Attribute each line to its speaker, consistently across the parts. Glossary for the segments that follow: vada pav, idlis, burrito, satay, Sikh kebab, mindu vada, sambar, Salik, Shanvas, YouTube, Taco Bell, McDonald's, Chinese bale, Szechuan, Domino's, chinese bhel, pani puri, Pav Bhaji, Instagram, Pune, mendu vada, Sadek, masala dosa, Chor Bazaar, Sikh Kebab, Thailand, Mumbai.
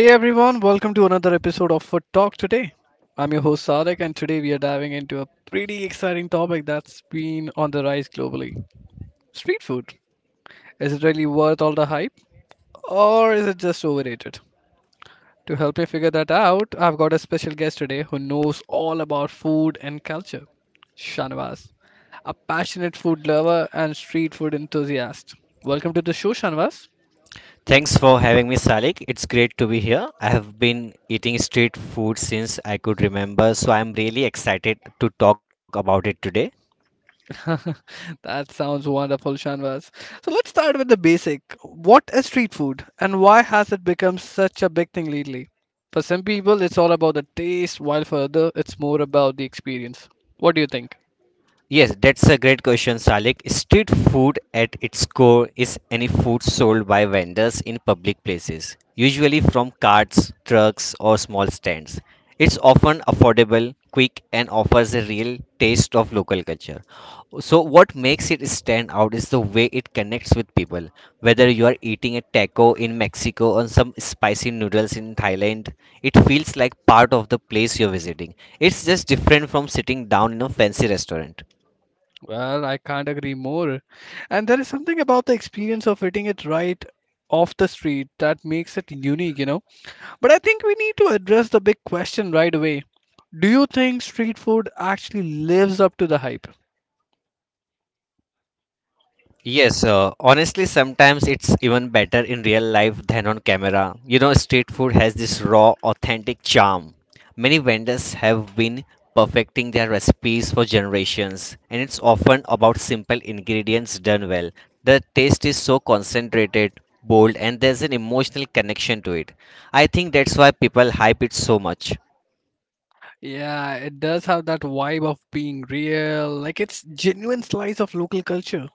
Speaker 1: Hey everyone, welcome to another episode of Food Talk today. I'm your host Sadek, and today we are diving into a pretty exciting topic that's been on the rise globally, street food. Is it really worth all the hype, or is it just overrated? To help me figure that out, I've got a special guest today who knows all about food and culture, Shanvas, a passionate food lover and street food enthusiast. Welcome to the show, Shanvas.
Speaker 2: Thanks for having me, Salik. It's great to be here. I have been eating street food since I could remember, so I'm really excited to talk about it today.
Speaker 1: That sounds wonderful, Shanvas. So let's start with the basic. What is street food and why has it become such a big thing lately? For some people, it's all about the taste, while for others, it's more about the experience. What do you think?
Speaker 2: Yes, that's a great question, Salik. Street food at its core is any food sold by vendors in public places, usually from carts, trucks, or small stands. It's often affordable, quick, and offers a real taste of local culture. So, what makes it stand out is the way it connects with people. Whether you are eating a taco in Mexico or some spicy noodles in Thailand, it feels like part of the place you're visiting. It's just different from sitting down in a fancy restaurant.
Speaker 1: Well, I can't agree more. And there is something about the experience of eating it right off the street that makes it unique, you know? But I think we need to address the big question right away. Do you think street food actually lives up to the hype?
Speaker 2: Yes, honestly, sometimes it's even better in real life than on camera. You know, street food has this raw, authentic charm. Many vendors have been perfecting their recipes for generations, and it's often about simple ingredients done well. The taste is so concentrated, bold, and there's an emotional connection to it. I think that's why people hype it so much.
Speaker 1: Yeah, it does have that vibe of being real, like it's genuine slice of local culture.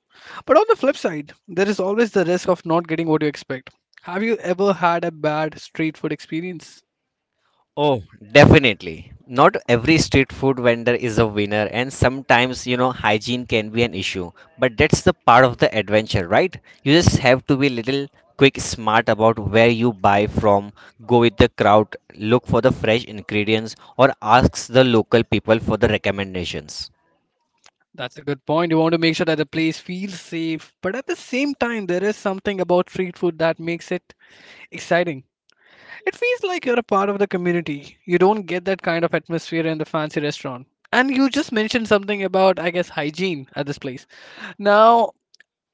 Speaker 1: But on the flip side, there is always the risk of not getting what you expect. Have you ever had a bad street food experience?
Speaker 2: Oh, definitely. Not every street food vendor is a winner, and sometimes, hygiene can be an issue. But that's the part of the adventure, right? You just have to be little quick smart about where you buy from, go with the crowd, look for the fresh ingredients, or ask the local people for the recommendations.
Speaker 1: That's a good point. You want to make sure that the place feels safe, but at the same time, there is something about street food that makes it exciting. It feels like you're a part of the community. You don't get that kind of atmosphere in the fancy restaurant. And you just mentioned something about, I guess, hygiene at this place. Now,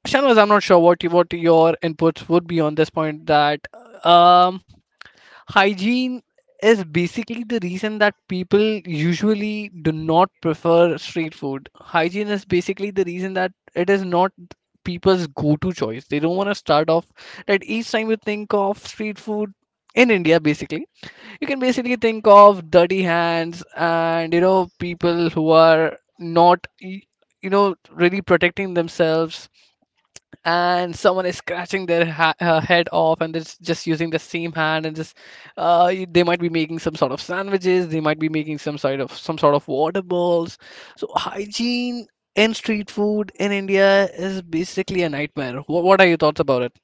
Speaker 1: Shanvaz, I'm not sure what your inputs would be on this point that um, hygiene is basically the reason that people usually do not prefer street food. Hygiene is basically the reason that it is not people's go-to choice. They don't want to start off that each time you think of street food in India, basically, you can basically think of dirty hands, and you know, people who are not you know, really protecting themselves, and someone is scratching their head off, and it's just using the same hand, and just they might be making some sort of sandwiches, they might be making some sort of water balls. So hygiene in street food in India is basically a nightmare. What are your thoughts about it?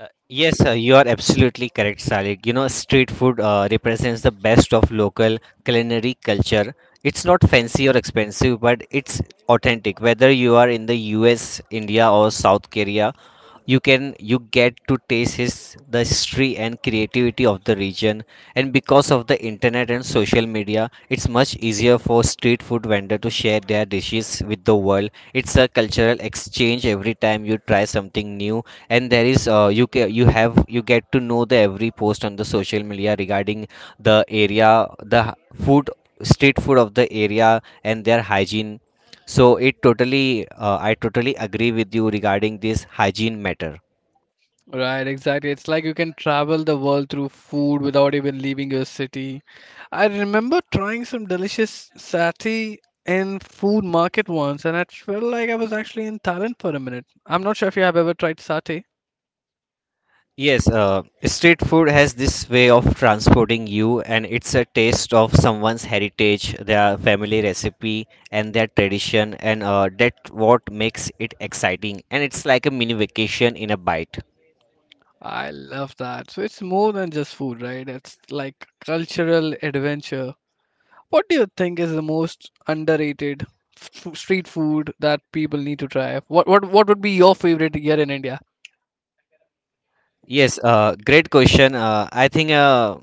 Speaker 2: Yes, you are absolutely correct, Salik. You know, street food represents the best of local culinary culture. It's not fancy or expensive, but it's authentic. Whether you are in the US, India, or South Korea, you get to taste the history and creativity of the region. And because of the internet and social media, it's much easier for street food vendor to share their dishes with the world. It's a cultural exchange every time you try something new. And there is, you ca- you have you get to know the every post on the social media regarding the area, the h- food street food of the area, and their hygiene. So it totally uh, i totally agree with you regarding this hygiene matter.
Speaker 1: Right, exactly. It's like you can travel the world through food without even leaving your city. I remember trying some delicious satay in food market once, and I felt like I was actually in Thailand for a minute. I'm not sure if you have ever tried satay.
Speaker 2: Yes, street food has this way of transporting you, and it's a taste of someone's heritage, their family recipe, and their tradition, and that's what makes it exciting. And it's like a mini vacation in a bite.
Speaker 1: I love that. So it's more than just food, right? It's like cultural adventure. What do you think is the most underrated street food that people need to try? What would be your favorite here in India?
Speaker 2: Yes, great question. I think uh,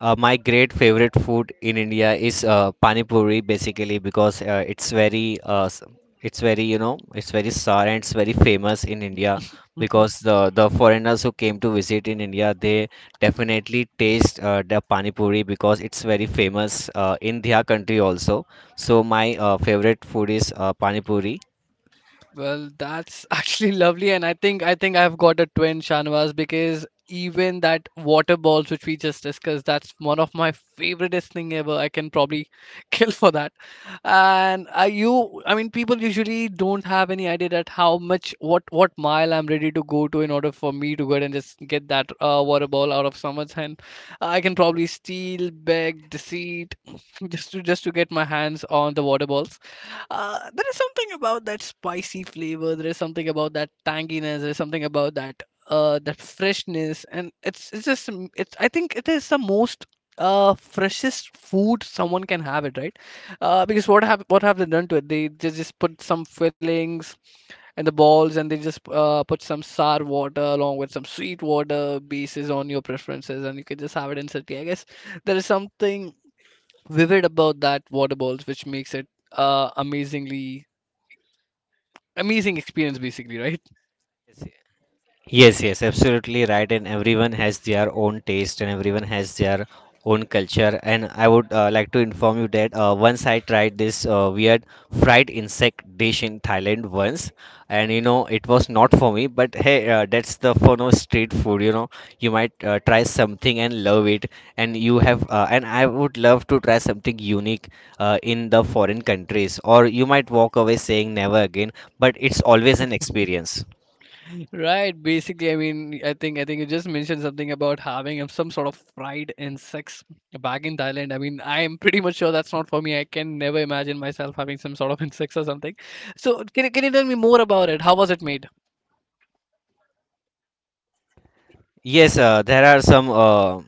Speaker 2: uh, my great favorite food in India is pani puri, basically because it's very, it's very sour and it's very famous in India because the foreigners who came to visit in India they definitely taste the pani puri because it's very famous in their country also. So my favorite food is pani puri.
Speaker 1: Well, that's actually lovely, and I think I've got a twin, Shanwas, because even that water balls which we just discussed, that's one of my favoriteest thing ever. I can probably kill for that. And you, I mean, people usually don't have any idea that how much, what mile I'm ready to go to in order for me to go ahead and just get that water ball out of someone's hand. I can probably steal, beg, deceit, just to get my hands on the water balls. There is something about that spicy flavor. There is something about that tanginess. There is something about that freshness, and it's just mm, it's. I think it is the most freshest food someone can have it, right? Because what have they done to it? They just put some fillings and the balls, and they just put some sour water along with some sweet water bases on your preferences, and you can just have it instantly, I guess. There is something vivid about that water balls, which makes it amazingly amazing experience basically, right?
Speaker 2: Yes, yes, yes, absolutely right. And everyone has their own taste and everyone has their own culture. And I would like to inform you that once I tried this weird fried insect dish in Thailand once, and it was not for me, but hey, that's the fun of street food. You might try something and love it, and I would love to try something unique in the foreign countries, or you might walk away saying never again, but it's always an experience.
Speaker 1: Right, basically. I mean, I think you just mentioned something about having some sort of fried insects back in Thailand. I mean, I am pretty much sure that's not for me. I can never imagine myself having some sort of insects or something. So can you tell me more about it? How was it made?
Speaker 2: Yes, there are some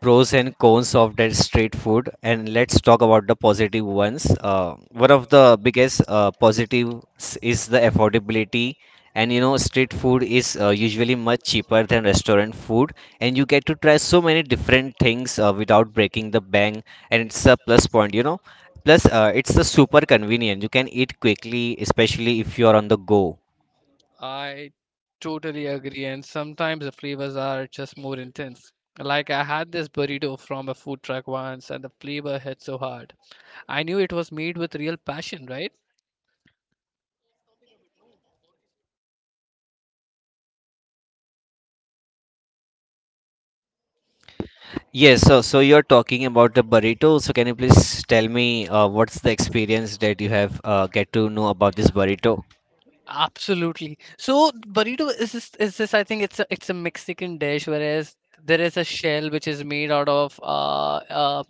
Speaker 2: pros and cons of that street food, and let's talk about the positive ones. One of the biggest positives is the affordability, and street food is usually much cheaper than restaurant food, and you get to try so many different things without breaking the bank, and it's a plus point. Plus, it's a super convenient. You can eat quickly, especially if you are on the go.
Speaker 1: I totally agree, and sometimes the flavors are just more intense. Like I had this burrito from a food truck once, and the flavor hit so hard. I knew it was made with real passion, right?
Speaker 2: Yes, so you're talking about the burrito. So can you please tell me what's the experience that you have get to know about this burrito?
Speaker 1: Absolutely. So burrito is this I think it's a Mexican dish, whereas there is a shell which is made out of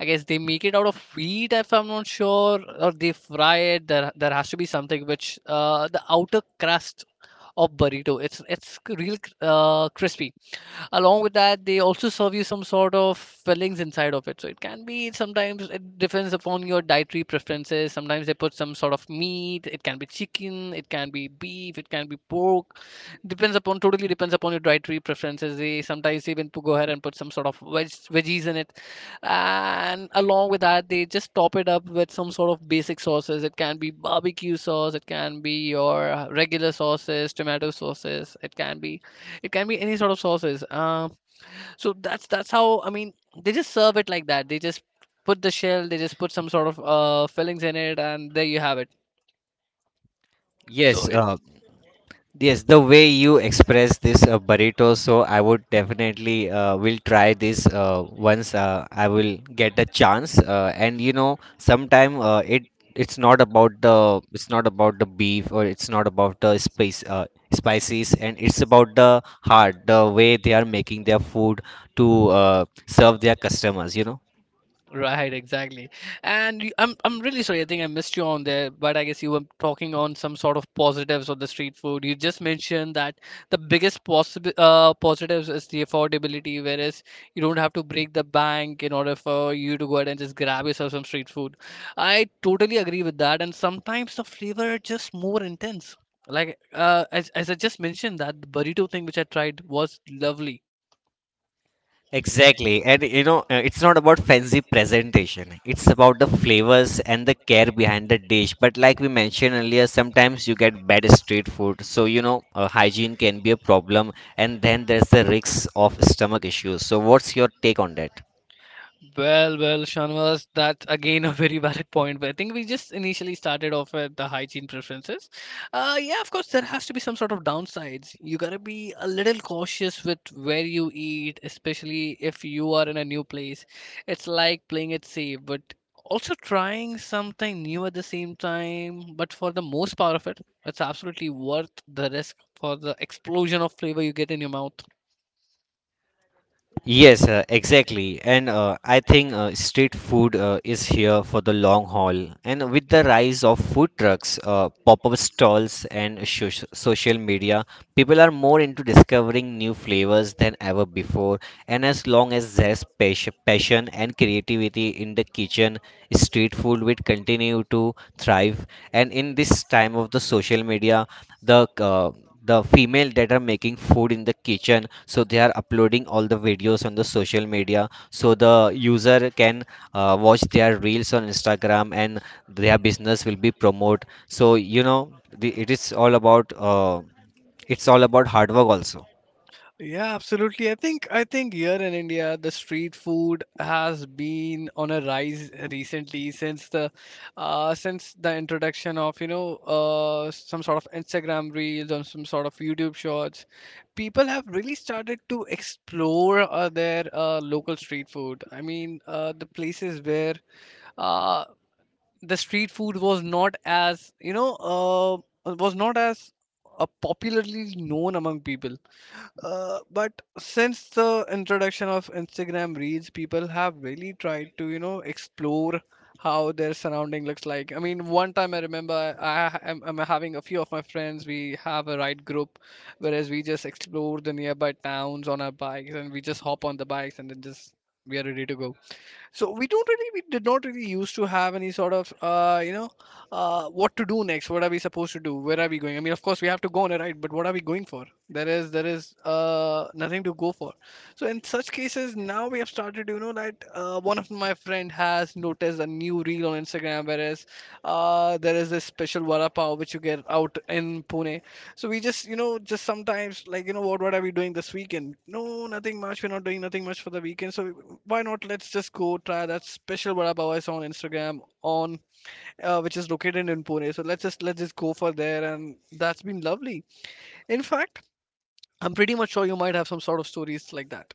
Speaker 1: I guess they make it out of wheat if I'm not sure, or they fry it. There has to be something which the outer crust of burrito. It's crispy. Along with that, they also serve you some sort of fillings inside of it. So it can be, sometimes it depends upon your dietary preferences. Sometimes they put some sort of meat, it can be chicken, it can be beef, it can be pork. Depends upon Totally depends upon your dietary preferences. They sometimes even go ahead and put some sort of veggies in it. And along with that, they just top it up with some sort of basic sauces. It can be barbecue sauce, it can be your regular sauces, tomato sauces, it can be any sort of sauces. So that's how, I mean, they just serve it like that. They just put the shell, they just put some sort of fillings in it, and there you have it. So,
Speaker 2: Yes, uh, Yes, the way you express this burrito, so I would definitely will try this once I will get a chance. And sometime it it's not about the it's not about the beef or it's not about the spice spices, and it's about the heart, the way they are making their food to serve their customers. You know.
Speaker 1: right, exactly. And you- I'm really sorry. I think I missed you on there, but I guess you were talking on some sort of positives of the street food. You just mentioned that the biggest possible positives is the affordability, whereas you don't have to break the bank in order for you to go ahead and just grab yourself some street food. I totally agree with that. And sometimes the flavor are just more intense. Like as I just mentioned, that burrito thing which I tried was lovely.
Speaker 2: Exactly. And it's not about fancy presentation. It's about the flavors and the care behind the dish. But like we mentioned earlier, sometimes you get bad street food. So, hygiene can be a problem. And then there's the risks of stomach issues. So, what's your take on that?
Speaker 1: Well, well, Shanwas, that's again a very valid point. But I think we just initially started off with the hygiene preferences. Yeah, of course, there has to be some sort of downsides. You gotta be a little cautious with where you eat, especially if you are in a new place. It's like playing it safe, but also trying something new at the same time. But for the most part of it, it's absolutely worth the risk for the explosion of flavor you get in your mouth.
Speaker 2: Yes, exactly. And I think street food is here for the long haul. And with the rise of food trucks, pop-up stalls, and social media, people are more into discovering new flavors than ever before. And as long as there's passion and creativity in the kitchen, street food will continue to thrive. And in this time of the social media, the uh, the female that are making food in the kitchen so they are uploading all the videos on the social media so the user can watch their reels on Instagram and their business will be promote, so the, it is all about uh, it's all about hard work also.
Speaker 1: Yeah, absolutely. I think here in India, the street food has been on a rise recently since the introduction of, you know, some sort of Instagram reels or some sort of YouTube shorts. People have really started to explore their local street food. I mean, the places where uh, the street food was not as, you know, was not as popularly known among people, but since the introduction of Instagram Reels, people have really tried to, you know, explore how their surrounding looks like. I mean, one time I remember I'm having a few of my friends. We have a ride group, whereas we just explore the nearby towns on our bikes, and we just hop on the bikes and then just we are ready to go. So we don't really, we did not really used to have any sort of, you know, what to do next, what are we supposed to do, where are we going? I mean, of course we have to go on a ride, but what are we going for? There is nothing to go for. So in such cases, now we have started, you know, that one of my friend has noticed a new reel on Instagram, whereas there is this special vada pav which you get out in Pune. So we just, you know, just sometimes like, you know, what are we doing this weekend? No, nothing much. We're not doing nothing much for the weekend. So why not? Let's just go try that special vada pav I saw on Instagram on, which is located in Pune. So let's just go for there, and that's been lovely. In fact, I'm pretty much sure you might have some sort of stories like that.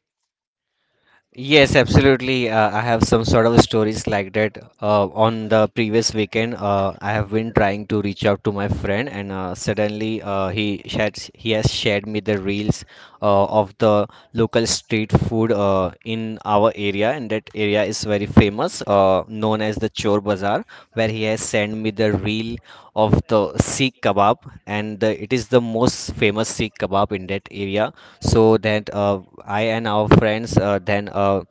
Speaker 2: Yes, absolutely. I have some sort of stories like that. On the previous weekend, I have been trying to reach out to my friend, and suddenly he has shared me the reels of the local street food in our area, and that area is very famous, known as the Chor Bazaar, where he has sent me the reel of the Sikh kebab, and it is the most famous Sikh kebab in that area. So that I and our friends then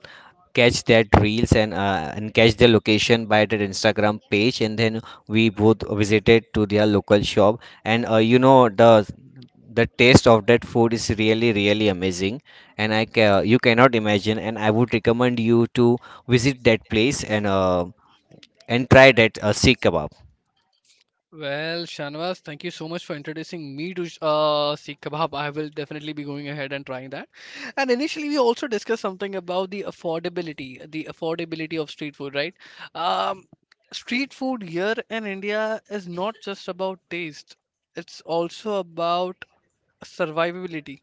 Speaker 2: catch that reels and and catch their location by their Instagram page, and then we both visited to their local shop, and the taste of that food is really really amazing, and you cannot imagine, and I would recommend you to visit that place and and try that Sikh kebab.
Speaker 1: Well, Shanvas, thank you so much for introducing me to Sikh Kebab. I will definitely be going ahead and trying that. And initially, we also discussed something about the affordability of street food, right? Um, Street food here in India is not just about taste; it's also about survivability,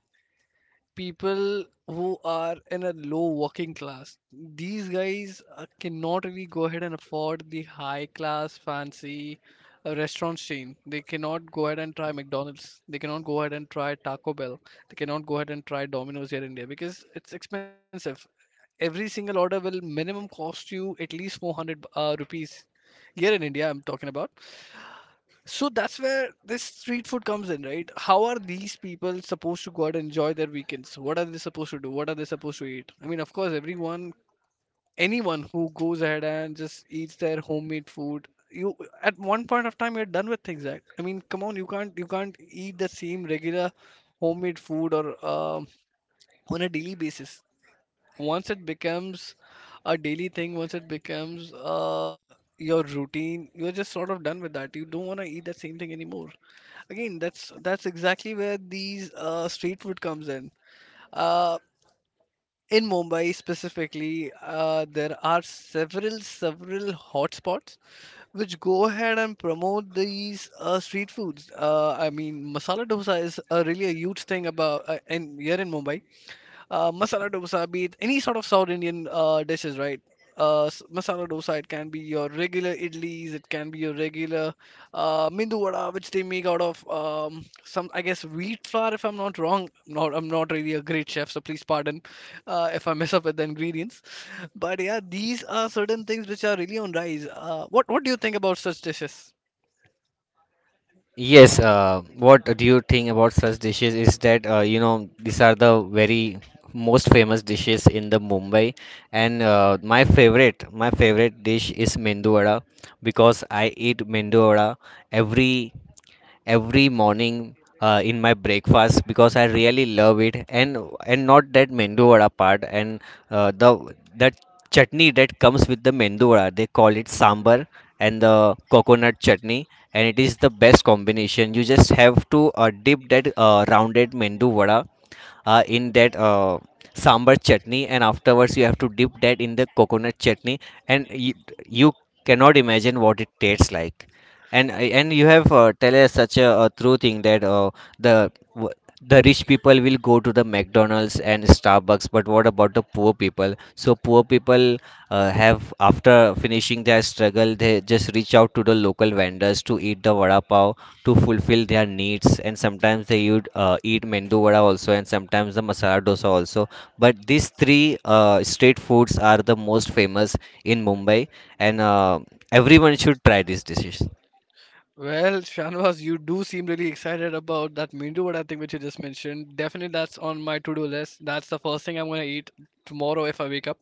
Speaker 1: people who are in a low working class. These guys cannot really go ahead and afford the high class fancy restaurant chain. They cannot go ahead and try McDonald's. They cannot go ahead and try Taco Bell. They cannot go ahead and try Domino's here in India because it's expensive, every single order will minimum cost you at least 400 rupees here in India, I'm talking about. So that's where this street food comes in, right? How are these people supposed to go out and enjoy their weekends? What are they supposed to do? What are they supposed to eat? I mean, of course, everyone, anyone who goes ahead and just eats their homemade food, you, at one point of time, you're done with things. Right? I mean, come on, you can't eat the same regular homemade food or on a daily basis. Once it becomes a daily thing, once it becomes your routine, you're just sort of done with that. You don't want to eat that same thing anymore. Again, that's exactly where these street food comes in. Uh, in Mumbai specifically, there are several hotspots which go ahead and promote these street foods. I mean, masala dosa is really a huge thing about in here in Mumbai, masala dosa, be it any sort of South Indian dishes, right? Masala dosa, it can be your regular idlis, it can be your regular mindu vada, which they make out of some, I guess, wheat flour, if I'm not wrong. I'm not really a great chef, so please pardon if I mess up with the ingredients. But yeah, these are certain things which are really on rise. What do you think about such dishes?
Speaker 2: Yes, what do you think about such dishes is that these are the very most famous dishes in the Mumbai, and my favorite dish is mendu vada because I eat mendu vada every every morning in my breakfast because I really love it, and not that mendu vada part, and the that chutney that comes with the mendu vada they call it sambar and the coconut chutney, and it is the best combination. You just have to dip that rounded mendu vada in that sambar chutney and afterwards you have to dip that in the coconut chutney, and you cannot imagine what it tastes like. And and you have tell us such a true thing, that the w- the rich people will go to the McDonald's and Starbucks, but what about the poor people? So poor people have, after finishing their struggle, they just reach out to the local vendors to eat the vada pav to fulfill their needs, and sometimes they would eat mendu vada also, and sometimes the masala dosa also. But these three street foods are the most famous in Mumbai, and everyone should try this dish.
Speaker 1: Well, Shanwas, you do seem really excited about that Mindu vada thing which you just mentioned. Definitely, that's on my to-do list. That's the first thing I'm gonna eat tomorrow if I wake up.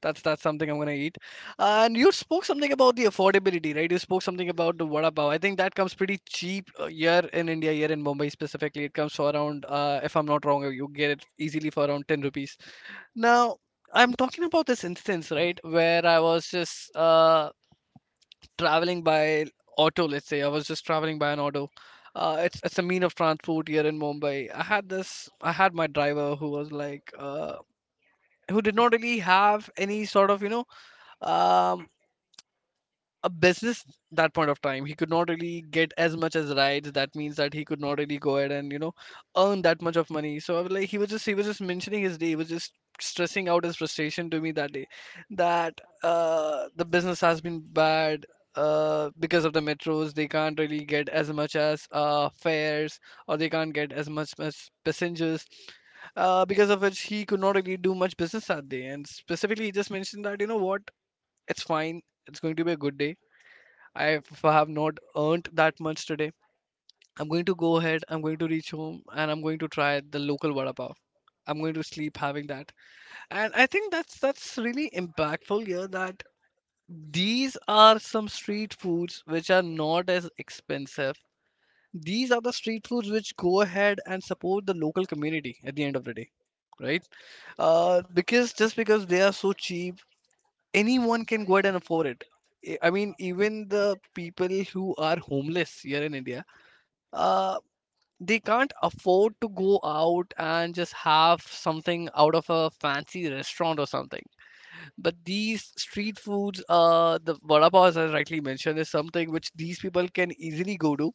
Speaker 1: That's something I'm gonna eat. And you spoke something about the affordability, right? You spoke something about the vada pav. I think that comes pretty cheap here in India, here in Mumbai specifically. It comes for around, if I'm not wrong, you get it easily for around 10 rupees. Now, I'm talking about this instance, right, where I was just traveling by auto. Let's say I was just traveling by an auto. It's a mean of transport here in Mumbai. I had this. I had my driver who was like, who did not really have any sort of, you know, um, a business. That point of time, he could not really get as much as rides, that means that he could not really go ahead and, you know, earn that much of money. So I was like, he was just mentioning his day, he was just stressing out his frustration to me that day, that the business has been bad, because of the metros they can't really get as much as fares, or they can't get as much as passengers, because of which he could not really do much business that day. And specifically, he just mentioned that, you know what, it's fine, it's going to be a good day. I- have not earned that much today, I'm going to go ahead, I'm going to reach home, and I'm going to try the local vada pav. I'm going to sleep having that. And I think that's really impactful here, that these are some street foods which are not as expensive. These are the street foods which go ahead and support the local community at the end of the day, right? Because just because they are so cheap, anyone can go ahead and afford it. I mean, even the people who are homeless here in India, uh, they can't afford to go out and just have something out of a fancy restaurant or something. But these street foods, the vada pav, as I rightly mentioned, is something which these people can easily go to.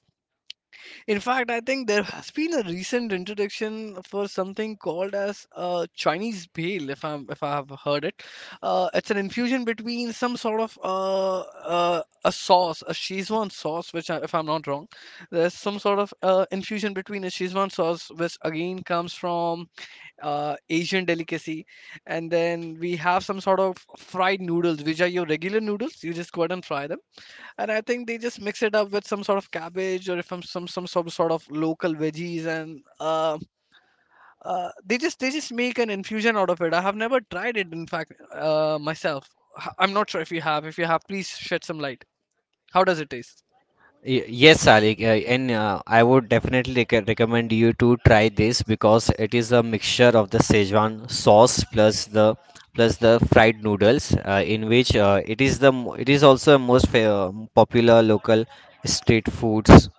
Speaker 1: In fact, I think there has been a recent introduction for something called as Chinese bale, if I'm if I have heard it. It's an infusion between some sort of a sauce, a Szechuan sauce, which I, if I'm not wrong, there's some sort of infusion between a Szechuan sauce, which again comes from Asian delicacy, and then we have some sort of fried noodles, which are your regular noodles. You just go ahead and fry them, and I think they just mix it up with some sort of cabbage, or if I'm, some sort of local veggies, and they just make an infusion out of it. I have never tried it, in fact, myself. I'm not sure if you have. If you have, please shed some light. How does it taste?
Speaker 2: Yes, Salik, and I would definitely recommend you to try this because it is a mixture of the Szechuan sauce plus the fried noodles, in which it is also a most popular local street foods,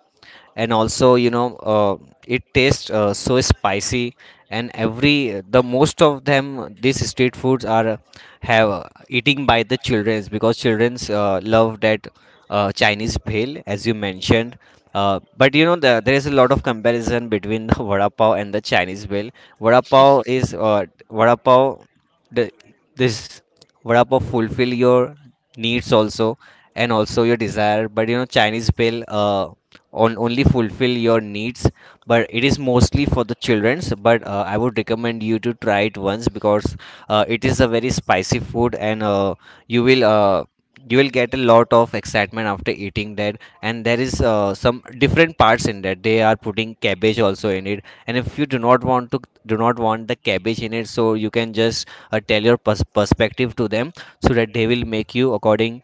Speaker 2: and also it tastes so spicy, and every the most of them these street foods are have eating by the childrens because childrens love that Chinese bhel, as you mentioned. But there is a lot of comparison between the vada pav and the Chinese bhel. Vada pav is uh, vada pav the, this vada pav fulfill your needs also, and also your desire. But Chinese bill on only fulfill your needs, but it is mostly for the children's. But I would recommend you to try it once because it is a very spicy food, and you will uh, you will get a lot of excitement after eating that. And there is some different parts in that they are putting cabbage also in it, and if you do not want the cabbage in it, so you can just tell your perspective to them so that they will make you according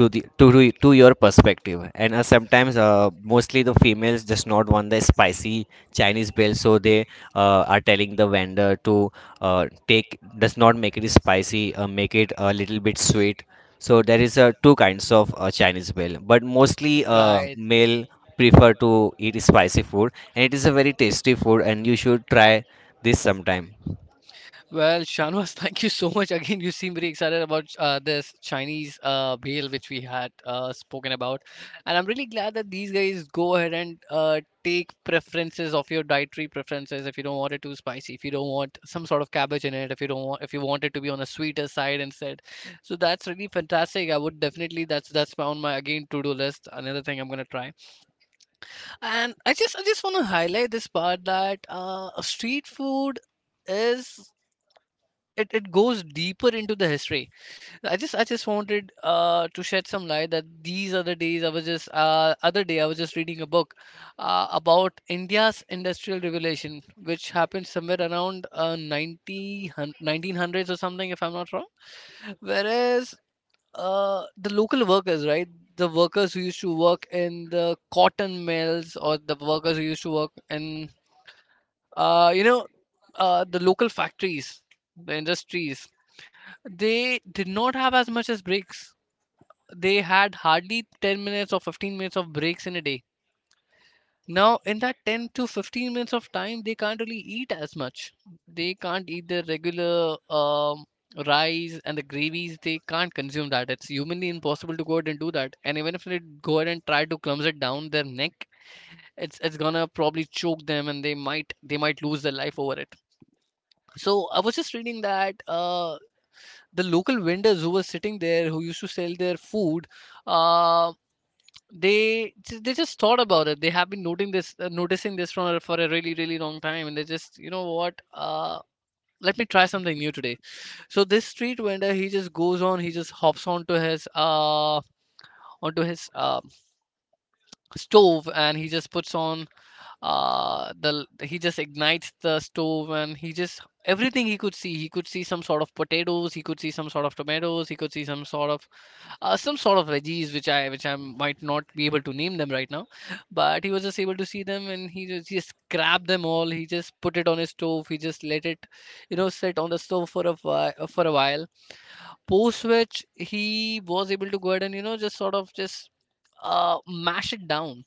Speaker 2: to the to your perspective. And sometimes, mostly the females just not want the spicy Chinese bill, so they are telling the vendor to take does not make it spicy, make it a little bit sweet. So there is two kinds of Chinese bill, but mostly
Speaker 1: Right.
Speaker 2: male prefer to eat spicy food, and it is a very tasty food and you should try this sometime.
Speaker 1: Well, Shanwas, thank you so much. Again, you seem very excited about this Chinese meal which we had spoken about. And I'm really glad that these guys go ahead and take preferences of your dietary preferences. If you don't want it too spicy, if you don't want some sort of cabbage in it, if you don't want, if you want it to be on a sweeter side instead. So that's really fantastic. I would definitely, that's on my, again, to-do list. Another thing I'm gonna try. And I just want to highlight this part that street food is, it goes deeper into the history. I just wanted to shed some light that these other day I was just reading a book about india's industrial revolution, which happened somewhere around 90, 1900s or something, if I'm not wrong, whereas the local workers, right, the workers who used to work in the cotton mills, or the workers who used to work in uh, you know the local factories, the industries, they did not have as much as breaks. They had hardly 10 minutes or 15 minutes of breaks in a day. Now, in that 10 to 15 minutes of time, they can't really eat as much. They can't eat the regular rice and the gravies. They can't consume that. It's humanly impossible to go ahead and do that. And even if they go ahead and try to clumse it down their neck, it's gonna probably choke them, and they might lose their life over it. So I was just reading that the local vendors who were sitting there, who used to sell their food, uh, they just thought about it. They have been noting this, noticing this for a really long time, and they just, you know what, let me try something new today. So this street vendor, he just goes on, he just hops onto his stove, and he just puts on the he just ignites the stove, and he just, everything he could see, he could see some sort of potatoes, he could see some sort of tomatoes, he could see some sort of veggies, which I might not be able to name them right now, but he was just able to see them, and he just grabbed them all. He just put it on his stove. He just let it, you know, sit on the stove for a while, for a while. Post which he was able to go ahead, and, you know, just sort of just mash it down.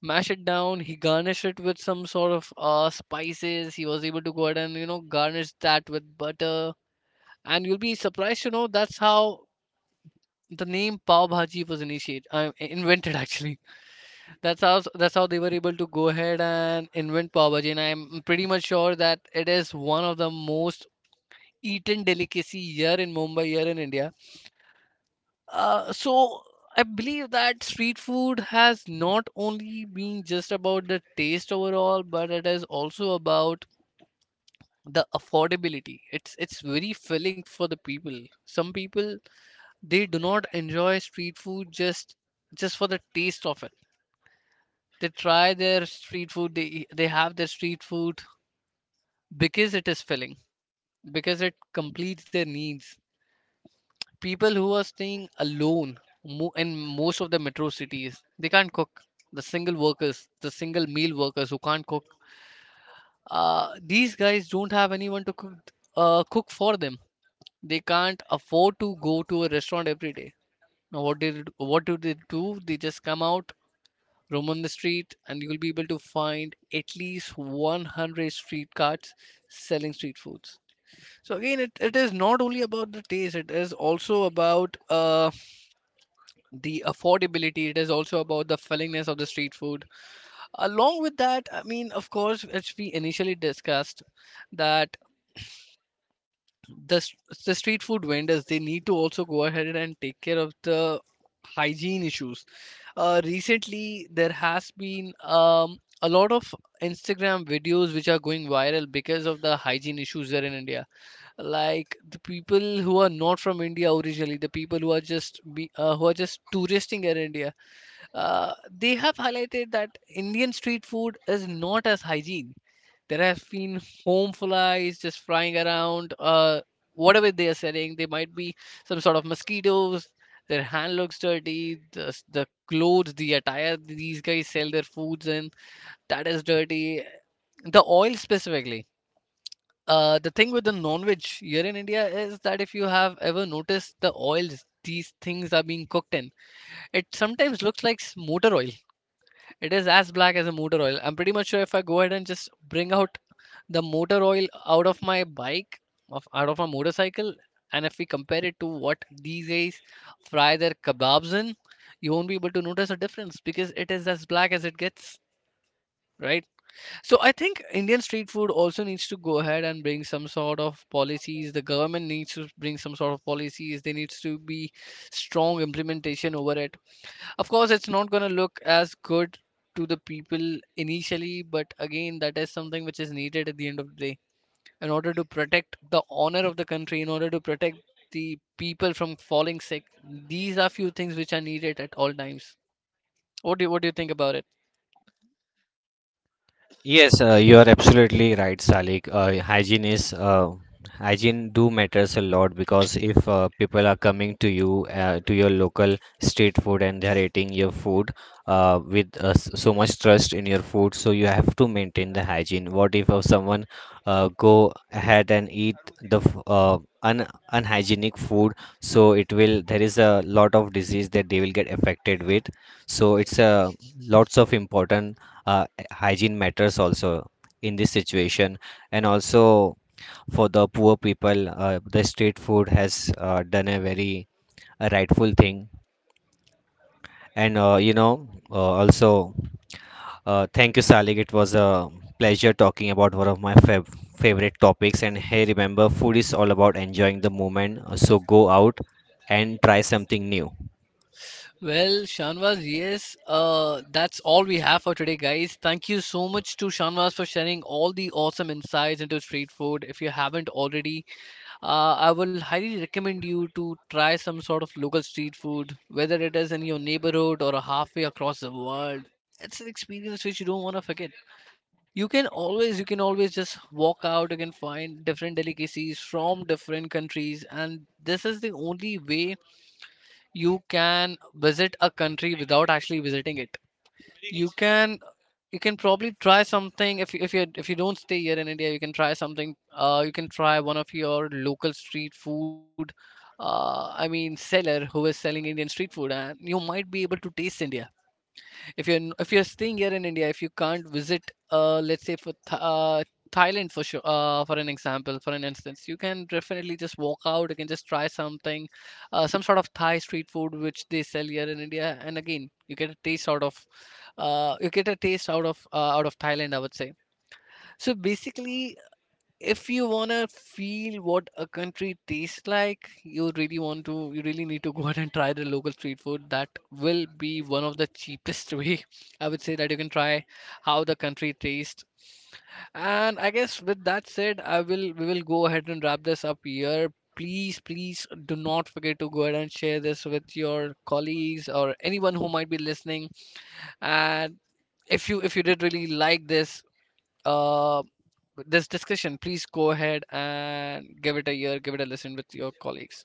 Speaker 1: Mash it down. He garnished it with some sort of spices. He was able to go ahead and, you know, garnish that with butter, and you'll be surprised to know that's how the name Pav Bhaji was initiated, invented actually. That's how they were able to go ahead and invent Pav Bhaji, and I'm pretty much sure that it is one of the most eaten delicacy here in Mumbai, here in India. So I believe that street food has not only been just about the taste overall, but it is also about the affordability. It's very filling for the people. Some people they do not enjoy street food just for the taste of it. They try their street food, they they have their street food because it is filling, because it completes their needs. People who are staying alone, mo- in most of the metro cities they can't cook. The single workers, the single meal workers who can't cook, these guys don't have anyone to cook, cook for them. They can't afford to go to a restaurant every day. Now what do they do? They just come out, roam on the street, and you will be able to find at least 100 street carts selling street foods. So again, it is not only about the taste, it is also about the affordability, it is also about the fillingness of the street food. Along with that, I mean, of course, as we initially discussed, that the s- the street food vendors, they need to also go ahead and take care of the hygiene issues. Recently there has been a lot of instagram videos which are going viral because of the hygiene issues there in india. Like the people who are not from india originally, the people who are who are just touristing in india, they have highlighted that Indian street food is not as hygiene. There have been home flies just flying around. Whatever they are selling, they might be some sort of mosquitoes. Their hand looks dirty. The clothes, the attire these guys sell their foods in, that is dirty. The oil specifically. The thing with the non-veg here in India is that if you have ever noticed the oils these things are being cooked in, it sometimes looks like motor oil. It is as black as a motor oil. I'm pretty much sure if I go ahead and just bring out the motor oil out of my bike, of out of my motorcycle, and if we compare it to what these guys fry their kebabs in, you won't be able to notice a difference because it is as black as it gets, right? So I think Indian street food also needs to go ahead and bring some sort of policies. The government needs to bring some sort of policies. There needs to be strong implementation over it. Of course, it's not going to look as good to the people initially, but again, that is something which is needed at the end of the day, in order to protect the honor of the country, in order to protect the people from falling sick. These are few things which are needed at all times. What do you think about it?
Speaker 2: Yes, you are absolutely right, Salik. Hygiene is hygiene do matters a lot, because if people are coming to you to your local street food and they are eating your food with so much trust in your food, so you have to maintain the hygiene. What if someone go ahead and eat the f- un unhygienic food? So it will there is a lot of disease that they will get affected with. So it's lots of important. Uh, Hygiene matters also in this situation, and also for the poor people, the street food has done a very rightful thing. And also, thank you, Salik. It was a pleasure talking about one of my favorite topics, and hey, remember, food is all about enjoying the moment, so go out and try something new.
Speaker 1: Well, Shanvaz, yes, that's all we have for today, guys. Thank you so much to Shanvaz for sharing all the awesome insights into street food. If you haven't already, I will highly recommend you to try some sort of local street food, whether it is in your neighborhood or halfway across the world. It's an experience which you don't want to forget. You can always just walk out. You can find different delicacies from different countries, and this is the only way you can visit a country without actually visiting it. You can you can probably try something if you, if you if you don't stay here in India, you can try something. You can try one of your local street food. I mean, seller who is selling Indian street food, and you might be able to taste India. If you're staying here in India, if you can't visit, let's say for Thailand for sure, for an example, for an instance, you can definitely just walk out. You can just try something, some sort of Thai street food which they sell here in India, and again, you get a taste out of out of Thailand, I would say. So basically, if you wanna feel what a country tastes like, you really need to go out and try the local street food. That will be one of the cheapest way, I would say, that you can try how the country tastes. And I guess with that said, I will we will go ahead and wrap this up here. Please do not forget to go ahead and share this with your colleagues or anyone who might be listening. And if you did really like this uh this discussion, please go ahead and give it a listen with your colleagues.